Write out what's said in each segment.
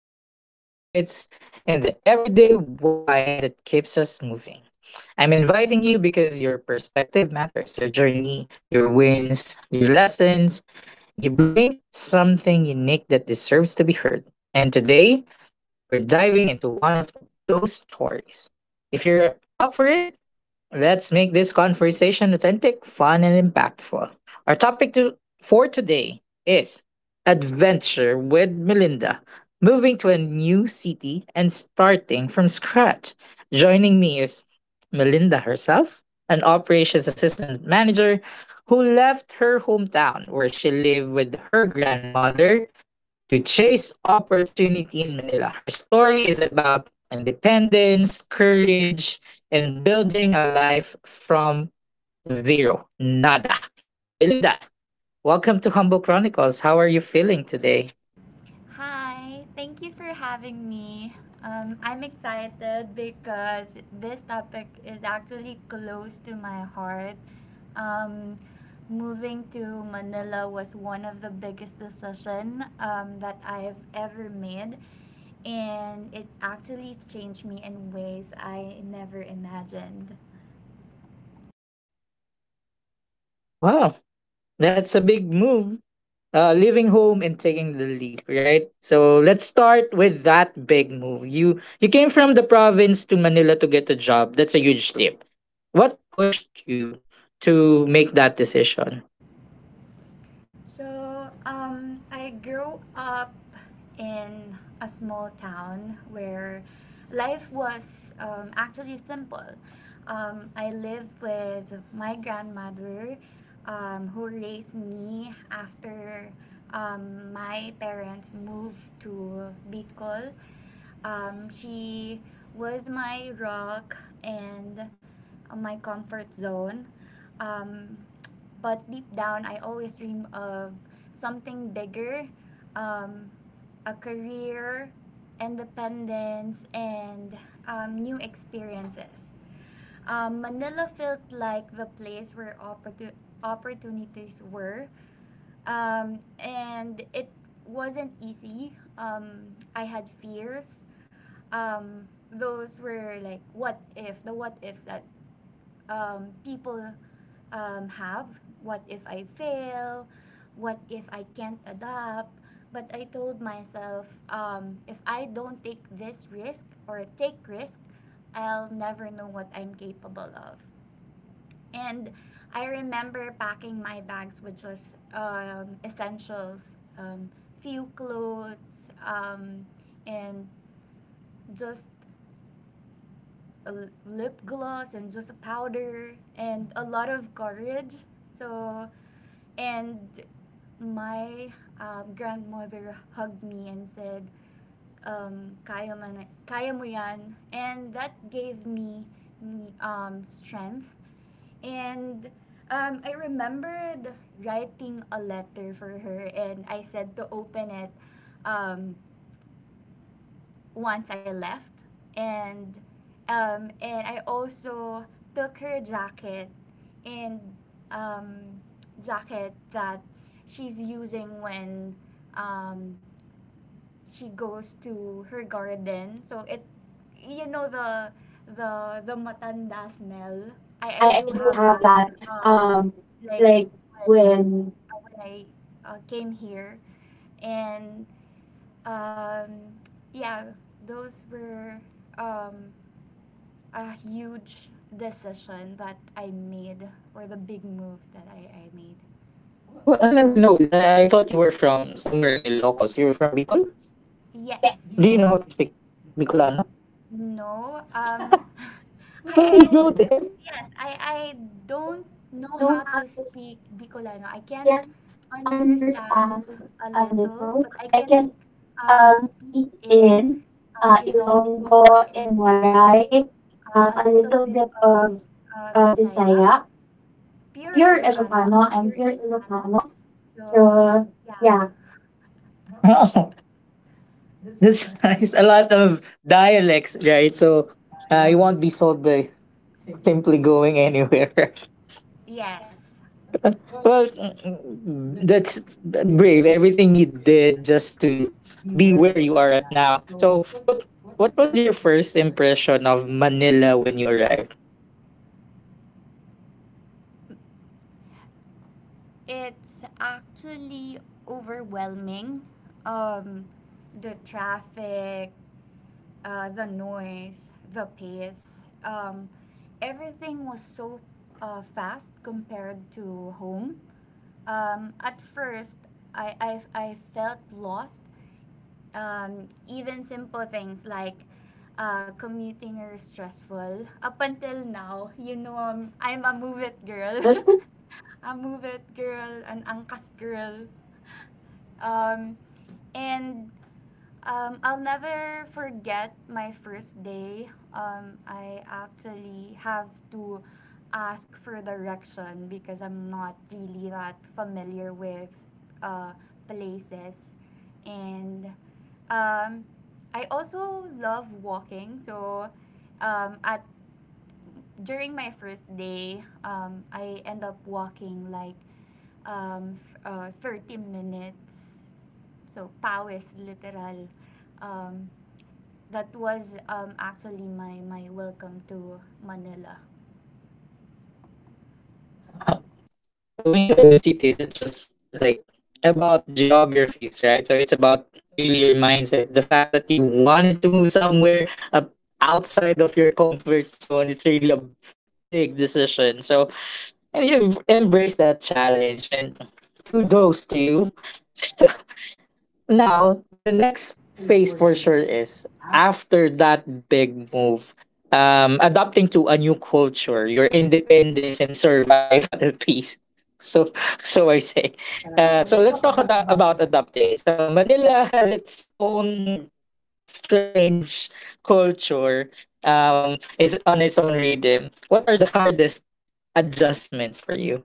real insights, and the everyday why that keeps us moving. I'm inviting you because your perspective matters, your journey, your wins, your lessons. You bring something unique that deserves to be heard. And today, we're diving into one of those stories. If you're up for it, let's make this conversation authentic, fun, and impactful. Our topic for today is Adventure with Melinda, moving to a new city and starting from scratch. Joining me is Melinda herself, an operations assistant manager who left her hometown where she lived with her grandmother to chase opportunity in Manila. Her story is about independence, courage, and building a life from zero. Nada. Melinda, welcome to Humble Chronicles. How are you feeling today? Hi, thank you for having me. I'm excited because this topic is actually close to my heart. Um, Moving to Manila was one of the biggest decision that I've ever made, and it actually changed me in ways I never imagined. Wow, that's a big move. Leaving home and taking the leap, right? So let's start with that big move. You came from the province to Manila to get a job. That's a huge leap. What pushed you to make that decision? So I grew up in a small town where life was actually simple. I lived with my grandmother, who raised me after my parents moved to Bicol. She was my rock and my comfort zone. Um, but deep down, I always dream of something bigger, um, a career, independence, and new experiences. Manila felt like the place where opportunities were, and it wasn't easy. I had fears. Um, those were like what if the what ifs that people have. What if I fail? What if I can't adapt? But I told myself, if I don't take this risk or take risk, I'll never know what I'm capable of. And I remember packing my bags with just essentials, few clothes, and just a lip gloss and just a powder and a lot of courage. So, and my grandmother hugged me and said, kaya, man, kaya mo yan. And that gave me strength. And I remembered writing a letter for her and I said to open it. Um, Once I left, and and I also took her jacket and um, jacket that she's using when um, she goes to her garden. So it, you know the the matanda smell. I, I I do do have have that. that. Um, Um, like like when when when I came here, and um, yeah, those were um, a huge decision that I made, or the big move that I made. Oh, I never know. I thought you were from somewhere in Ilocos. You were from Bicol? Yes. Yeah, do you know how to speak Bicolano? No. Where did you I go there? yes, I don't know Don't know how how to to speak. speak Bicolano. I I can can understand understand a a little, little. but I I can can speak speak in in Ilonggo Ilonggo and and Malay, Waray, a a little little bit bit of of Bisaya, Bisaya. pure Here is a Ilocano, panel I'm and pure here is a Ilocano. panel. So, So yeah. yeah. Wow, that's nice. A lot of dialects, right? So you won't be sold by simply going anywhere. Yeah. Yes, Well, that's brave. Everything you did just to be where you are at now. So, what was your first impression of Manila when you arrived? it's actually overwhelming. Um, the traffic, the noise, the pace, everything was so fast compared to home. At first, I felt lost. Even simple things like commuting are stressful. Up until now, you know, I'm a move it girl. A move it girl, an angkas girl. Um, and I'll never forget my first day. I actually have to ask for direction because I'm not really that familiar with uh, places. And um, I also love walking. So at during my first day, I end up walking like um, 30 minutes. So, pawis, literal. Um, that was actually my welcome to Manila. Moving to a new city isn't just like about geographies, right? So it's about really your mindset. The fact that you wanted to move somewhere up outside of your comfort zone, it's really a big decision. So and you've embraced that challenge and kudos to you. Now the next phase for sure is after that big move, adapting to a new culture, your independence and survival piece. So so i say uh so let's talk about adapting. So Manila has its own strange culture. It's on its own rhythm. What are the hardest adjustments for you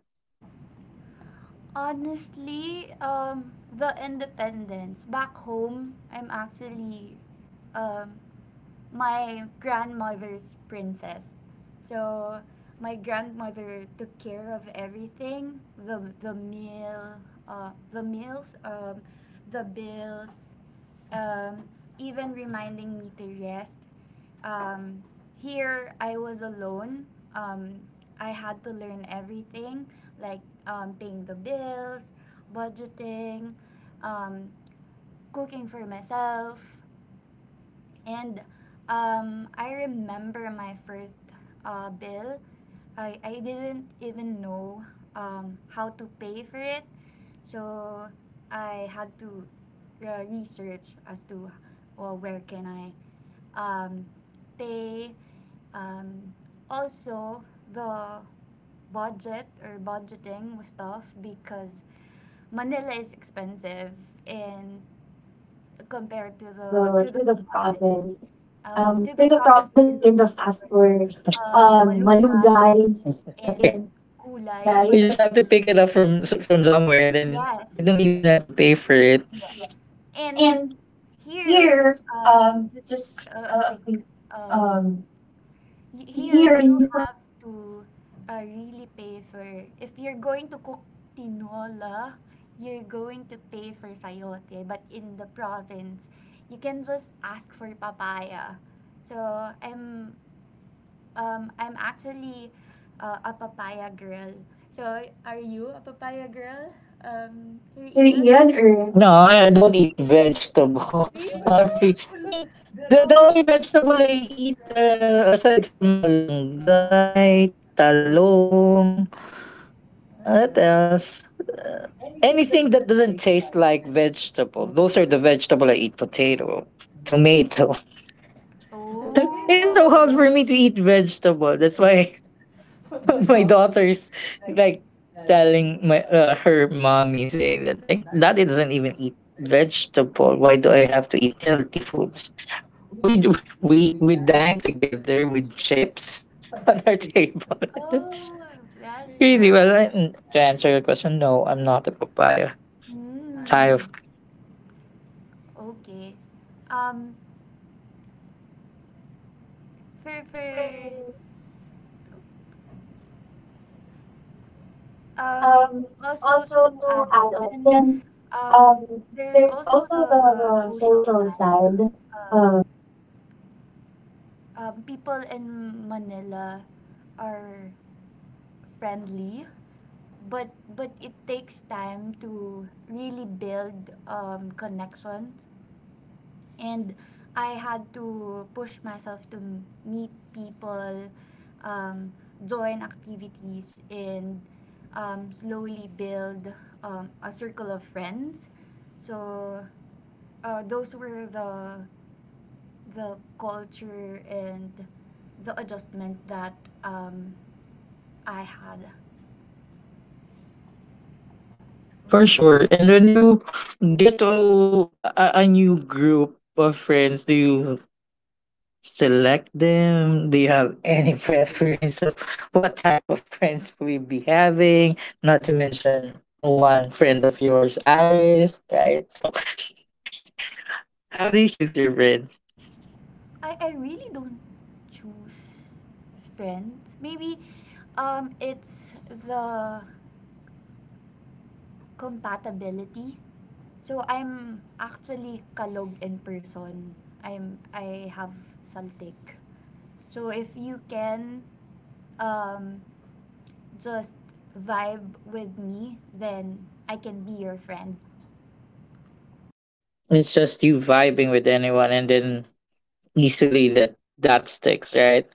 Honestly, the independence. Back home, I'm actually um, my grandmother's princess. So my grandmother took care of everything the meals, the bills, um, even reminding me to rest. Um, Here, I was alone. Um, I had to learn everything, like paying the bills, budgeting, um, cooking for myself, and I remember my first bill. I didn't even know how to pay for it. So I had to research as to well, where can I um, pay. Um, Also, the budget or budgeting was tough because Manila is expensive in compared to or to the to the the to the province. province. To the To the province, you province, you can just can just ask ask for for malunggay malunggay and and you gulay. like But just have to pick here, it up from from somewhere, and then yes, you don't yes. even have to pay for it. Yeah. And And here, here just just a a quick, quick, um, um here here you you have to really pay for, if you're going to cook tinola, you're going to pay for sayote. But in the province, you can just ask for papaya. So I'm I'm actually a papaya girl. So, are you a papaya girl, Sir Do you Ian, eat it or or? No, I don't eat really? vegetables. Honestly. I mean, the only vegetable I eat, aside from malunggay, talong, what else? Anything that doesn't taste like vegetable. Those are the vegetable I eat. Potato, tomato. It Oh, is so hard oh, for me to eat vegetable. That's why my daughter's like telling my her mommy, saying that like, daddy doesn't even eat vegetable, why do I have to eat healthy foods? We we dine together with chips on our table. That's that's crazy. why. Well, to answer your question, no, I'm not a papaya Hmm. type of. Okay. Um, for um Um, also to Also to add up, add up, then then um um, there's there's also also the the, the social social side. side. Um, People in Manila are friendly, but but it takes time to really build connections. And I had to push myself to meet people, um, join activities, and slowly build a circle of friends. So those were the culture and the adjustment that um, I had. For sure. And when you get to a new group of friends, do you select them? Do you have any preference of what type of friends will be having? Not to mention one friend of yours, Iris, right? So, how do you choose your brand? I really don't choose friends. Maybe it's the compatibility. So I'm actually kalog in person. I have saltik. So if you can um, just vibe with me, then I can be your friend. It's just you vibing with anyone and then easily that sticks, right?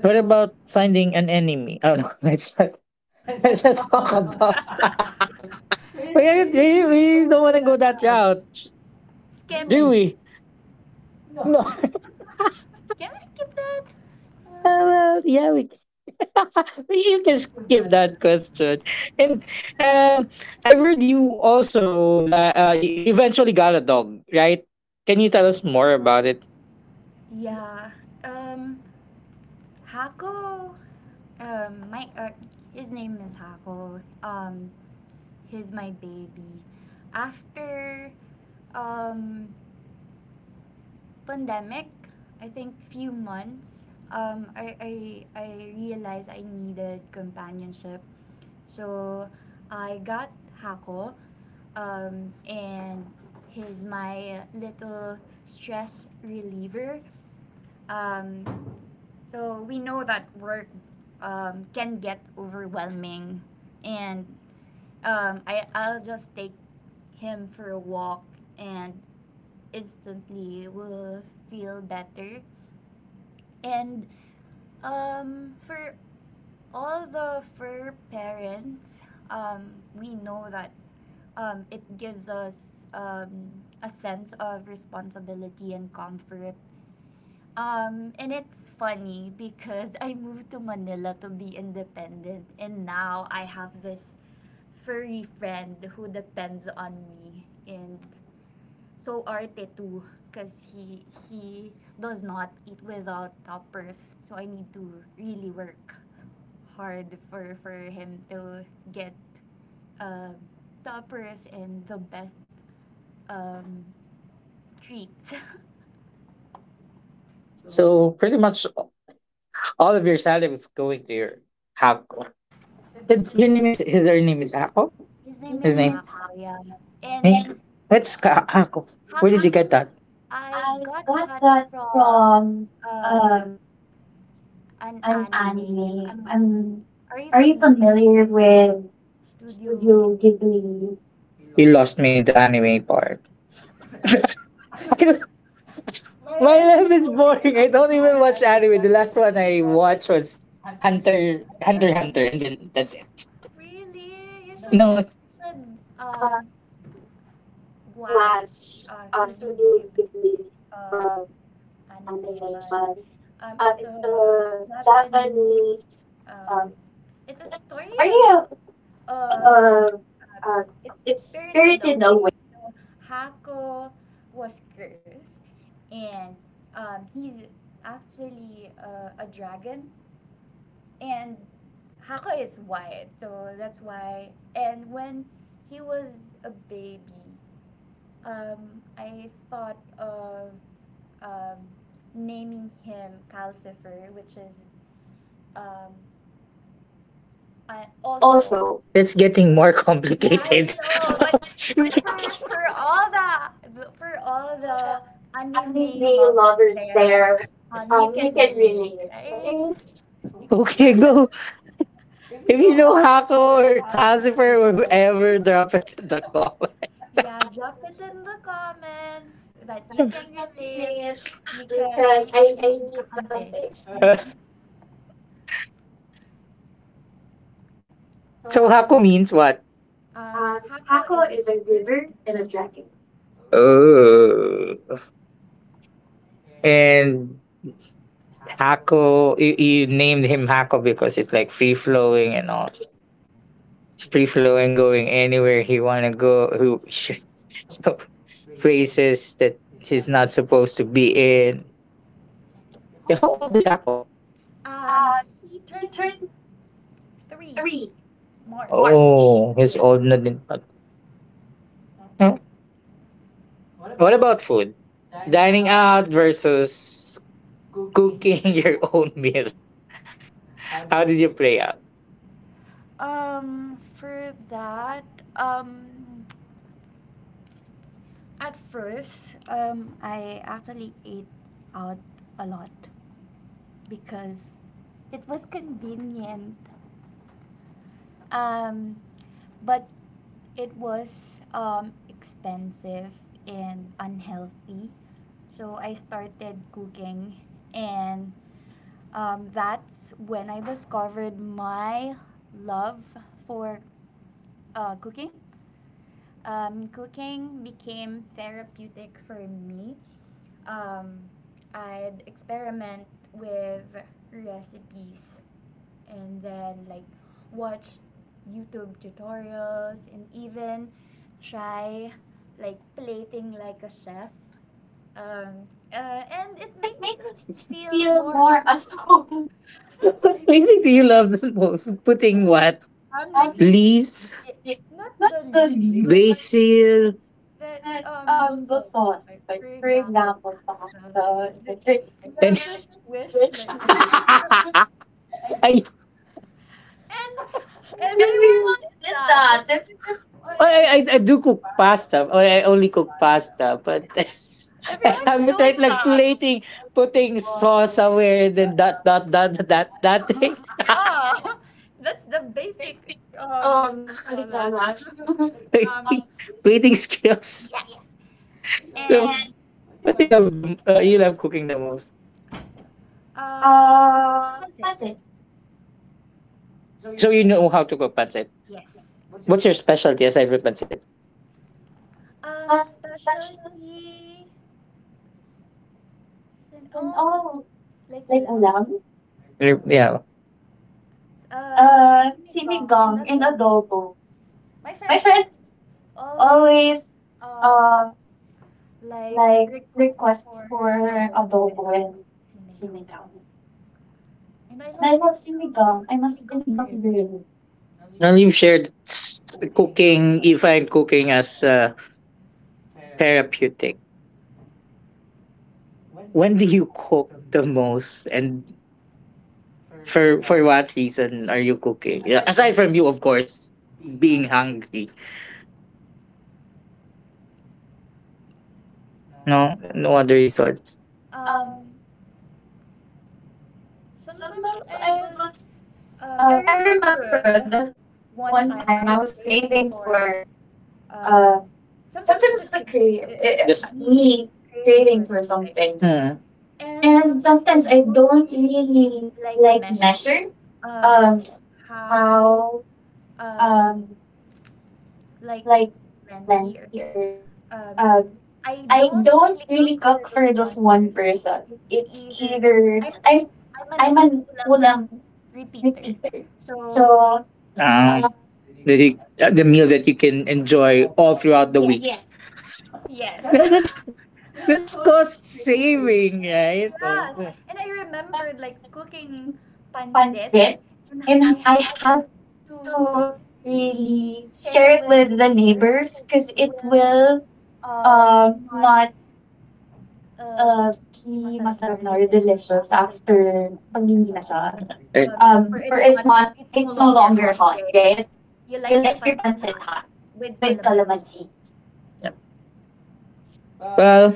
What about finding an enemy? Oh no, let's not talk about we don't want to go that route, Skip. do we? No. Can we skip that? Uh, well, yeah, we you can skip that question. And um, I heard you also that you eventually got a dog, right? Can you tell us more about it? Yeah. Um, Hako. My His name is Hako. He's my baby. After um pandemic, I think few months. Um, I I I realized I needed companionship, so I got Hako. And he's my little stress reliever. Um, so we know that work can get overwhelming, and I I'll just take him for a walk, and instantly will feel better. And for all the fur parents, we know that it gives us a sense of responsibility and comfort. And it's funny because I moved to Manila to be independent, and now I have this furry friend who depends on me, and so Arte too, because he does not eat without toppers. So I need to really work hard for him to get um, toppers and the best um, treats. So pretty much all of your salary is going to your Hako. Your name is his. Her name is Hako. His name His is name. Hako, yeah, and Hey, that's Hako. Where did you Haku. get that? I got that from um, an An anime. anime. Are Are you you familiar familiar with with Studio Studio Ghibli? Ghibli? You lost me in the anime part. I don't— My life is boring. I don't even watch anime. The last one I watched was Hunter Hunter Hunter and then that's it. Really? You should No one. it- You should Uh, um watch Watch Studio Studio Ghibli Ghibli um um, animation. animation. It's It's a a Japanese. Japanese um, Um, it's it's a a story story of uh, of uh, uh, it's it's spirited Spirited Away. away. So Hako was cursed, and he's actually a dragon, and Hako is white, so that's why. And when he was a baby, I thought of um, naming him Calcifer, which is um, also Also, it's getting more yeah, I complicated. know, All but for all the for all the the anime anime lovers lovers there, there, you you can can relate, relate. right? It's okay, You- go. If you know Hako or Casper or whoever, drop it in the comment. Uh, Yeah, just drop it in the comments that you you can can relate relate because I because I I need need the kakampi. context. So Hako means what? Um, Hako Paco is a is a river river and a and a dragon. dragon. Oh, and Hako, you named him Hako because it's like free flowing and all. It's free flowing, going anywhere he wanna go. Who so places that he's not supposed to be in. Yeah, how old is Hako? Um, Uh, he he turned turned three three. March. Oh, he's old na din. Pa. Huh? What about food? Dining out versus cooking your own meal. How did you play out? Um, for that, um. At first, I actually ate out a lot because it was convenient, um, but it was expensive and unhealthy. So I started cooking, and that's when I discovered my love for cooking. Cooking became therapeutic for me. Um, I'd experiment with recipes and then like watch YouTube tutorials and even try like plating like a chef. Um, uh, and it Just made me make me feel feel more more at at home. home. What really do you love the most? Putting what? I'm like Leaves, yeah, yeah, not not the the leaves, leaves. but Basil, that but those the soaps, sauce. like Like for for example, example, pasta and pasta, then like, the drink. you And have this wish like you ay, and everyone everyone did did that. that. That's— Oh, I do cook pasta. Oh, I only cook pasta, but I Everyone's haven't tried doing like that. really plating, putting sauce somewhere, and then that thing. Yeah. That's the basic what do you How do you call call that? that? Plating, Um, plating skills. yes. So, yeah. And What you love the you love cooking the most? uh what's it? Pancit. So you know how to cook pancit. Yes. What's your specialty aside from pancit? Um, special. Specialty sin And, oh oh, Like like ulam. ulam? Yep, yeah. Uh, sinigang and Sinigang and adobo. adobo. My My friends friends always always um um like like request request for for adobo and adobo and sinigang. sinigang. And I And I love love sinigang. I'm a sinigang. I'm a sinigang sinigang girl. girl. And you've shared cooking, you find cooking as therapeutic. When do you cook the most, and for what reason are you cooking? Yeah, aside from you, of course, being hungry. No, no other reasons. Um, Um, Sometimes sometimes I I would just just I I remembered remembered one one time I time I was was craving craving for for um uh sometimes it's a sometimes it's a craving crave it, just me me craving for craving for something. something, hmm. And And sometimes I sometimes I don't don't really really like like measure measure um um how how um um like like plenty or plenty or um, um I I don't don't really cook really for cook just for just one one person. person. It's It's either either I'm I'm an an ulam ulam repeater. repeated. So, So, ah, um, the the the meal that you can enjoy all throughout the yes, week. Yes. yes. Well, that's cost saving, right? Yeah, oh, Yes. yeah. And I I remember remember like like cooking pancit pancit, and I and I have had to to really really share it share it with the with the neighbors neighbors because it because it will will not not uh, uh be be masarap na masarap or na or delicious delicious after the after pag hindi na siya. siya. Eh, um, Where or it's it's not, not, it's no it's no longer longer hot, hot, right? right? You You like your like your pancit pancit hot hot with with calamansi. calamansi. Well,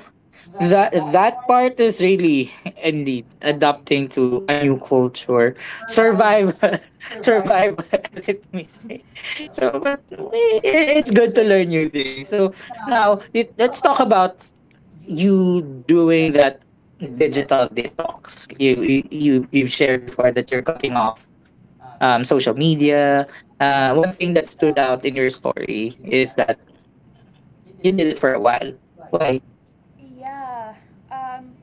that part is really indeed adapting to a new culture, survive survive as it may say. so but i- it's good to learn new things. So now it, let's talk about you doing that digital detox. You've shared before that you're cutting off social media. One thing that stood out in your story is that you did it for a while. Why? Yeah. Um,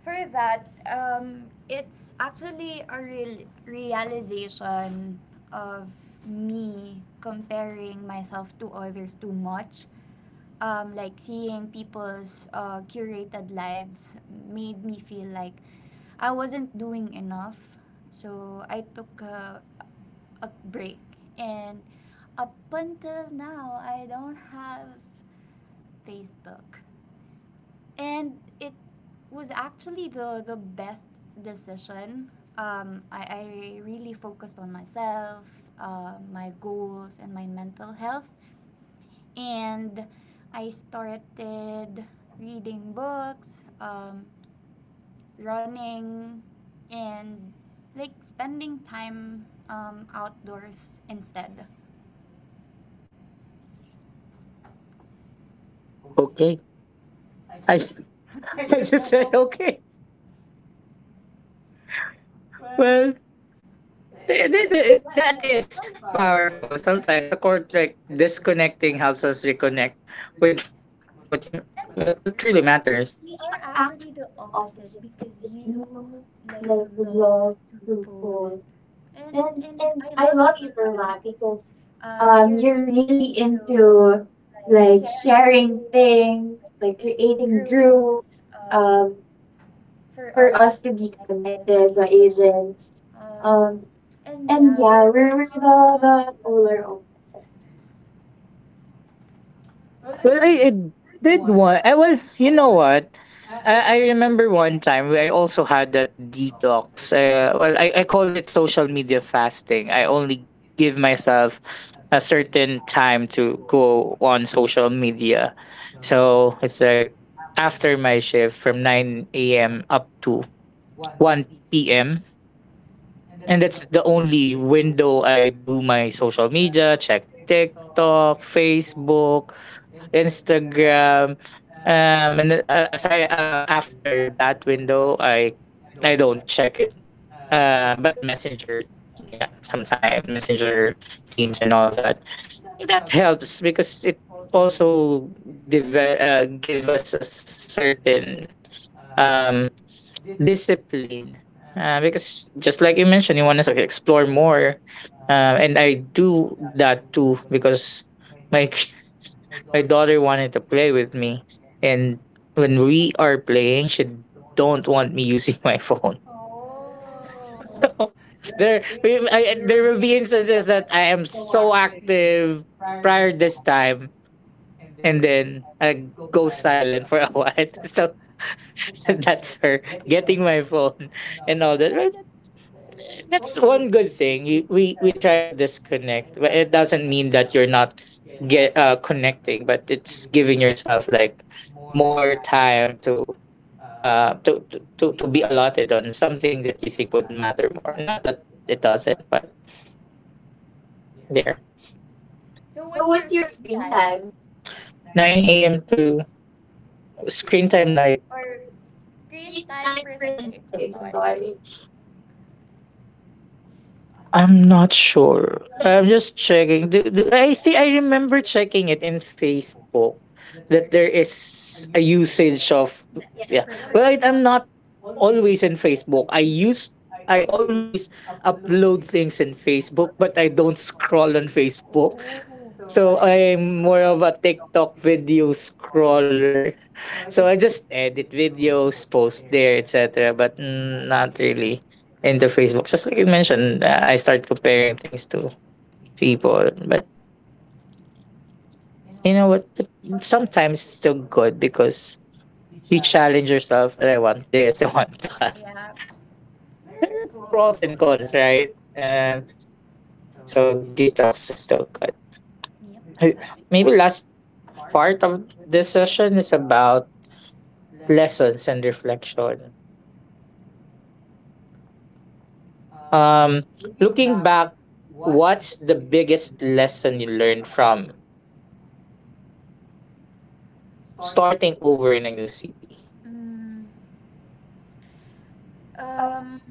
for that, it's actually a real realization of me comparing myself to others too much. Like seeing people's curated lives made me feel like I wasn't doing enough. So I took a break. And up until now, I don't have Facebook. And it was actually the best decision. I really focused on myself, my goals, and my mental health. And I started reading books, running, and like spending time outdoors instead. Okay. I, I just said, okay. Well, that is powerful. Sometimes a court like disconnecting helps us reconnect with what you what And truly matters. we are actually the opposite because you like love to post. And And I I love love you you for for that that because because you're you're really really into into like like sharing sharing things, things, like like creating creating groups, groups, um um for us for to us to be be connected, the connected, the Asians. agents. Um Um, and and yeah, yeah, we're we're the the older ones. Well, I did one. Well, you know what? I remember one time where I also had that detox. Well, I called it social media fasting. I only give myself a certain time to go on social media. So it's like after my shift from 9 a.m. up to 1 p.m. And that's the only window I do my social media, check TikTok, Facebook, Instagram. And then, as I after that window, I don't check it. But Messenger, yeah, sometime Messenger, Teams, and all that. But that helps because it also give us a certain um discipline, because just like you mentioned you want to explore more, and I do that too because my My daughter wanted to play with me, and when we are playing, she don't want me using my phone. So there, there will be instances that I am so active prior this time, and then I go silent for a while. So that's her getting my phone and all that. Well, that's one good thing. We try to disconnect, but it doesn't mean that you're not get connecting, but it's giving yourself like more time to be allotted on something that you think would matter more. Not that it doesn't, but there. so So what's your what's your screen screen time? time? 9 a.m. to screen time like Or screen screen time time percentage. I'm percentage, I'm sorry. sorry. I'm not sure. I'm just checking. I think I remember checking it in Facebook that there is a usage of, yeah. Well, I'm Percentage. not always in Facebook. I always upload things in Facebook, but I don't scroll on Facebook. So So I'm more of a TikTok video scroller. So I just edit videos, post there, etc. But not really into Facebook. Just like you mentioned, I start comparing things to people. But you know what? Sometimes it's still good because you challenge yourself that I want this, I want that. yeah. There are pros and cons, right? And so detox is still good. Yep, I Uh, agree. Maybe last part of this session is about lessons and reflection. Um, Looking back, what's the biggest lesson you learned from starting over in a new city? Mm, Uh, Um,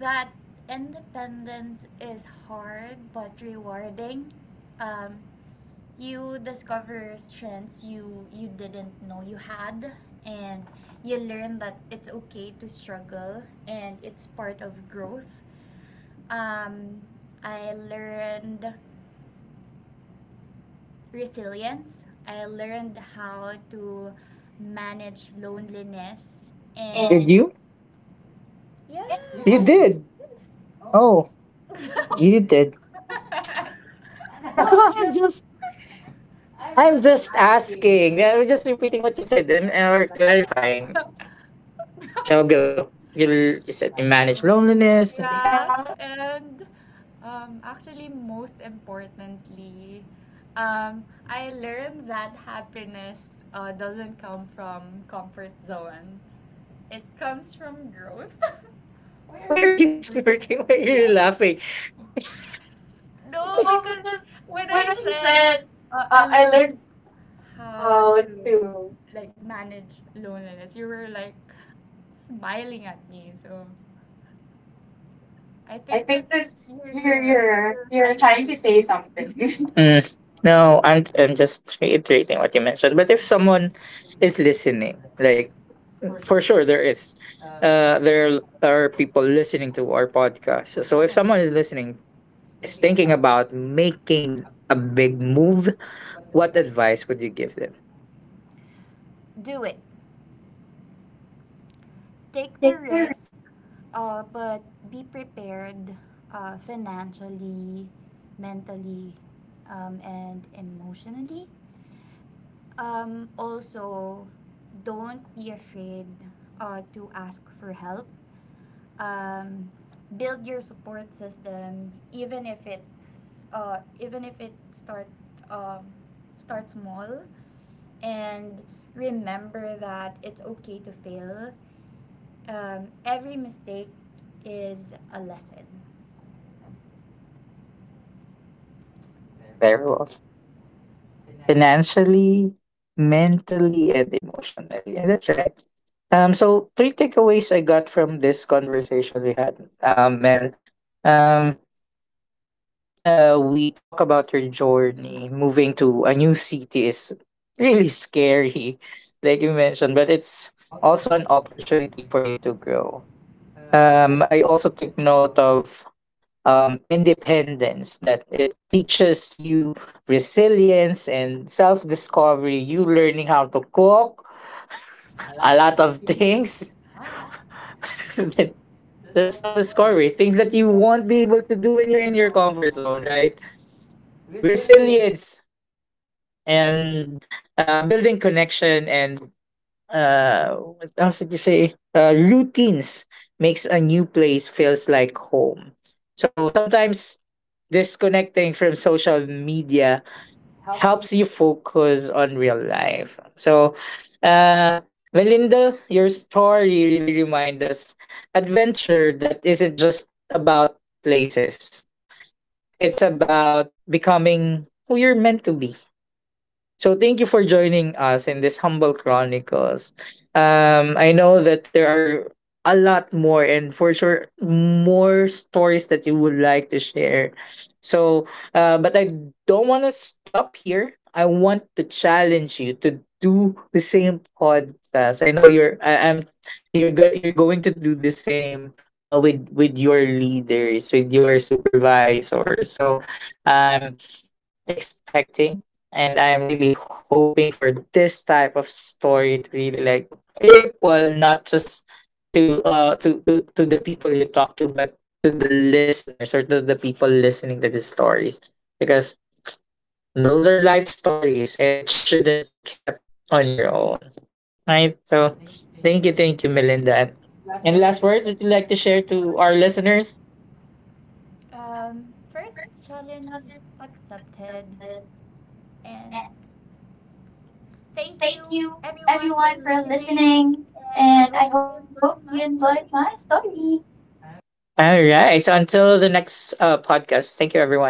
that independence is hard but rewarding. Um, you discover strengths you didn't know you had, and you learn that it's okay to struggle, and it's part of growth. Um, I learned resilience. I learned how to manage yes. loneliness, you Did and you? did. You yeah, You did. did. Oh, you did. No, I'm just I'm just asking. I'm just repeating what you said, and or clarifying. I'll go. You said you manage loneliness. And... yeah. Yeah. And actually, most importantly, I learned that happiness doesn't come from comfort zones. It comes from growth. Why are you smirking? Why are you laughing? No, Oh, because because when when I I said said, I I learned learned. how Oh, to true. like manage loneliness, you were like smiling at me. So I I think that think that you're you're you're you're you're you're trying to say trying to say something. something. Mm. No, I'm just reiterating what you mentioned. But if someone is listening, like for sure there is, there are people listening to our podcast. So if someone is listening, is thinking about making a big move, what advice would you give them? Do it. Take the Take their risk, but be prepared financially, mentally, and emotionally. Also, don't be afraid to ask for help. Um, Build your support system, even if it's even if it start um, start small, and remember that it's okay to fail every mistake is a lesson. very well financially, mentally, and emotionally. And that's right. So three takeaways I got from this conversation we had, Mel. Um, we talk about your journey. Moving to a new city is really scary, like you mentioned, but it's also an opportunity for you to grow. I also took note of independence, that it teaches you resilience and self-discovery, you learning how to cook a lot of things. That's self-discovery, things that you won't be able to do when you're in your comfort zone, right? Resilience, and building connection, and what else did you say, routines makes a new place feels like home. So sometimes disconnecting from social media helps you focus on real life. So, uh, Melinda, your story really reminds us adventure that isn't just about places. It's about becoming who you're meant to be. So thank you for joining us in this humble chronicles. I know that there are a lot more and for sure more stories that you would like to share. So, but I don't want to stop here. I want to challenge you to do the same podcast. I know you're. I'm. You're. You're going to do the same. With your leaders, with your supervisors. So, um, expecting, and I'm really hoping for this type of story to really like ripple, not just to to the people you talk to, but to the listeners or to the people listening to these stories, because those are life stories and it shouldn't be kept on your own, right? So thank you, thank you, Melinda, and any last words that you'd like to share to our listeners. First challenge accepted. And thank you Thank you, everyone for everyone, for listening. listening. And I And I hope hope you you enjoyed enjoyed my my story. story. All right. So until the next, podcast, thank you, everyone.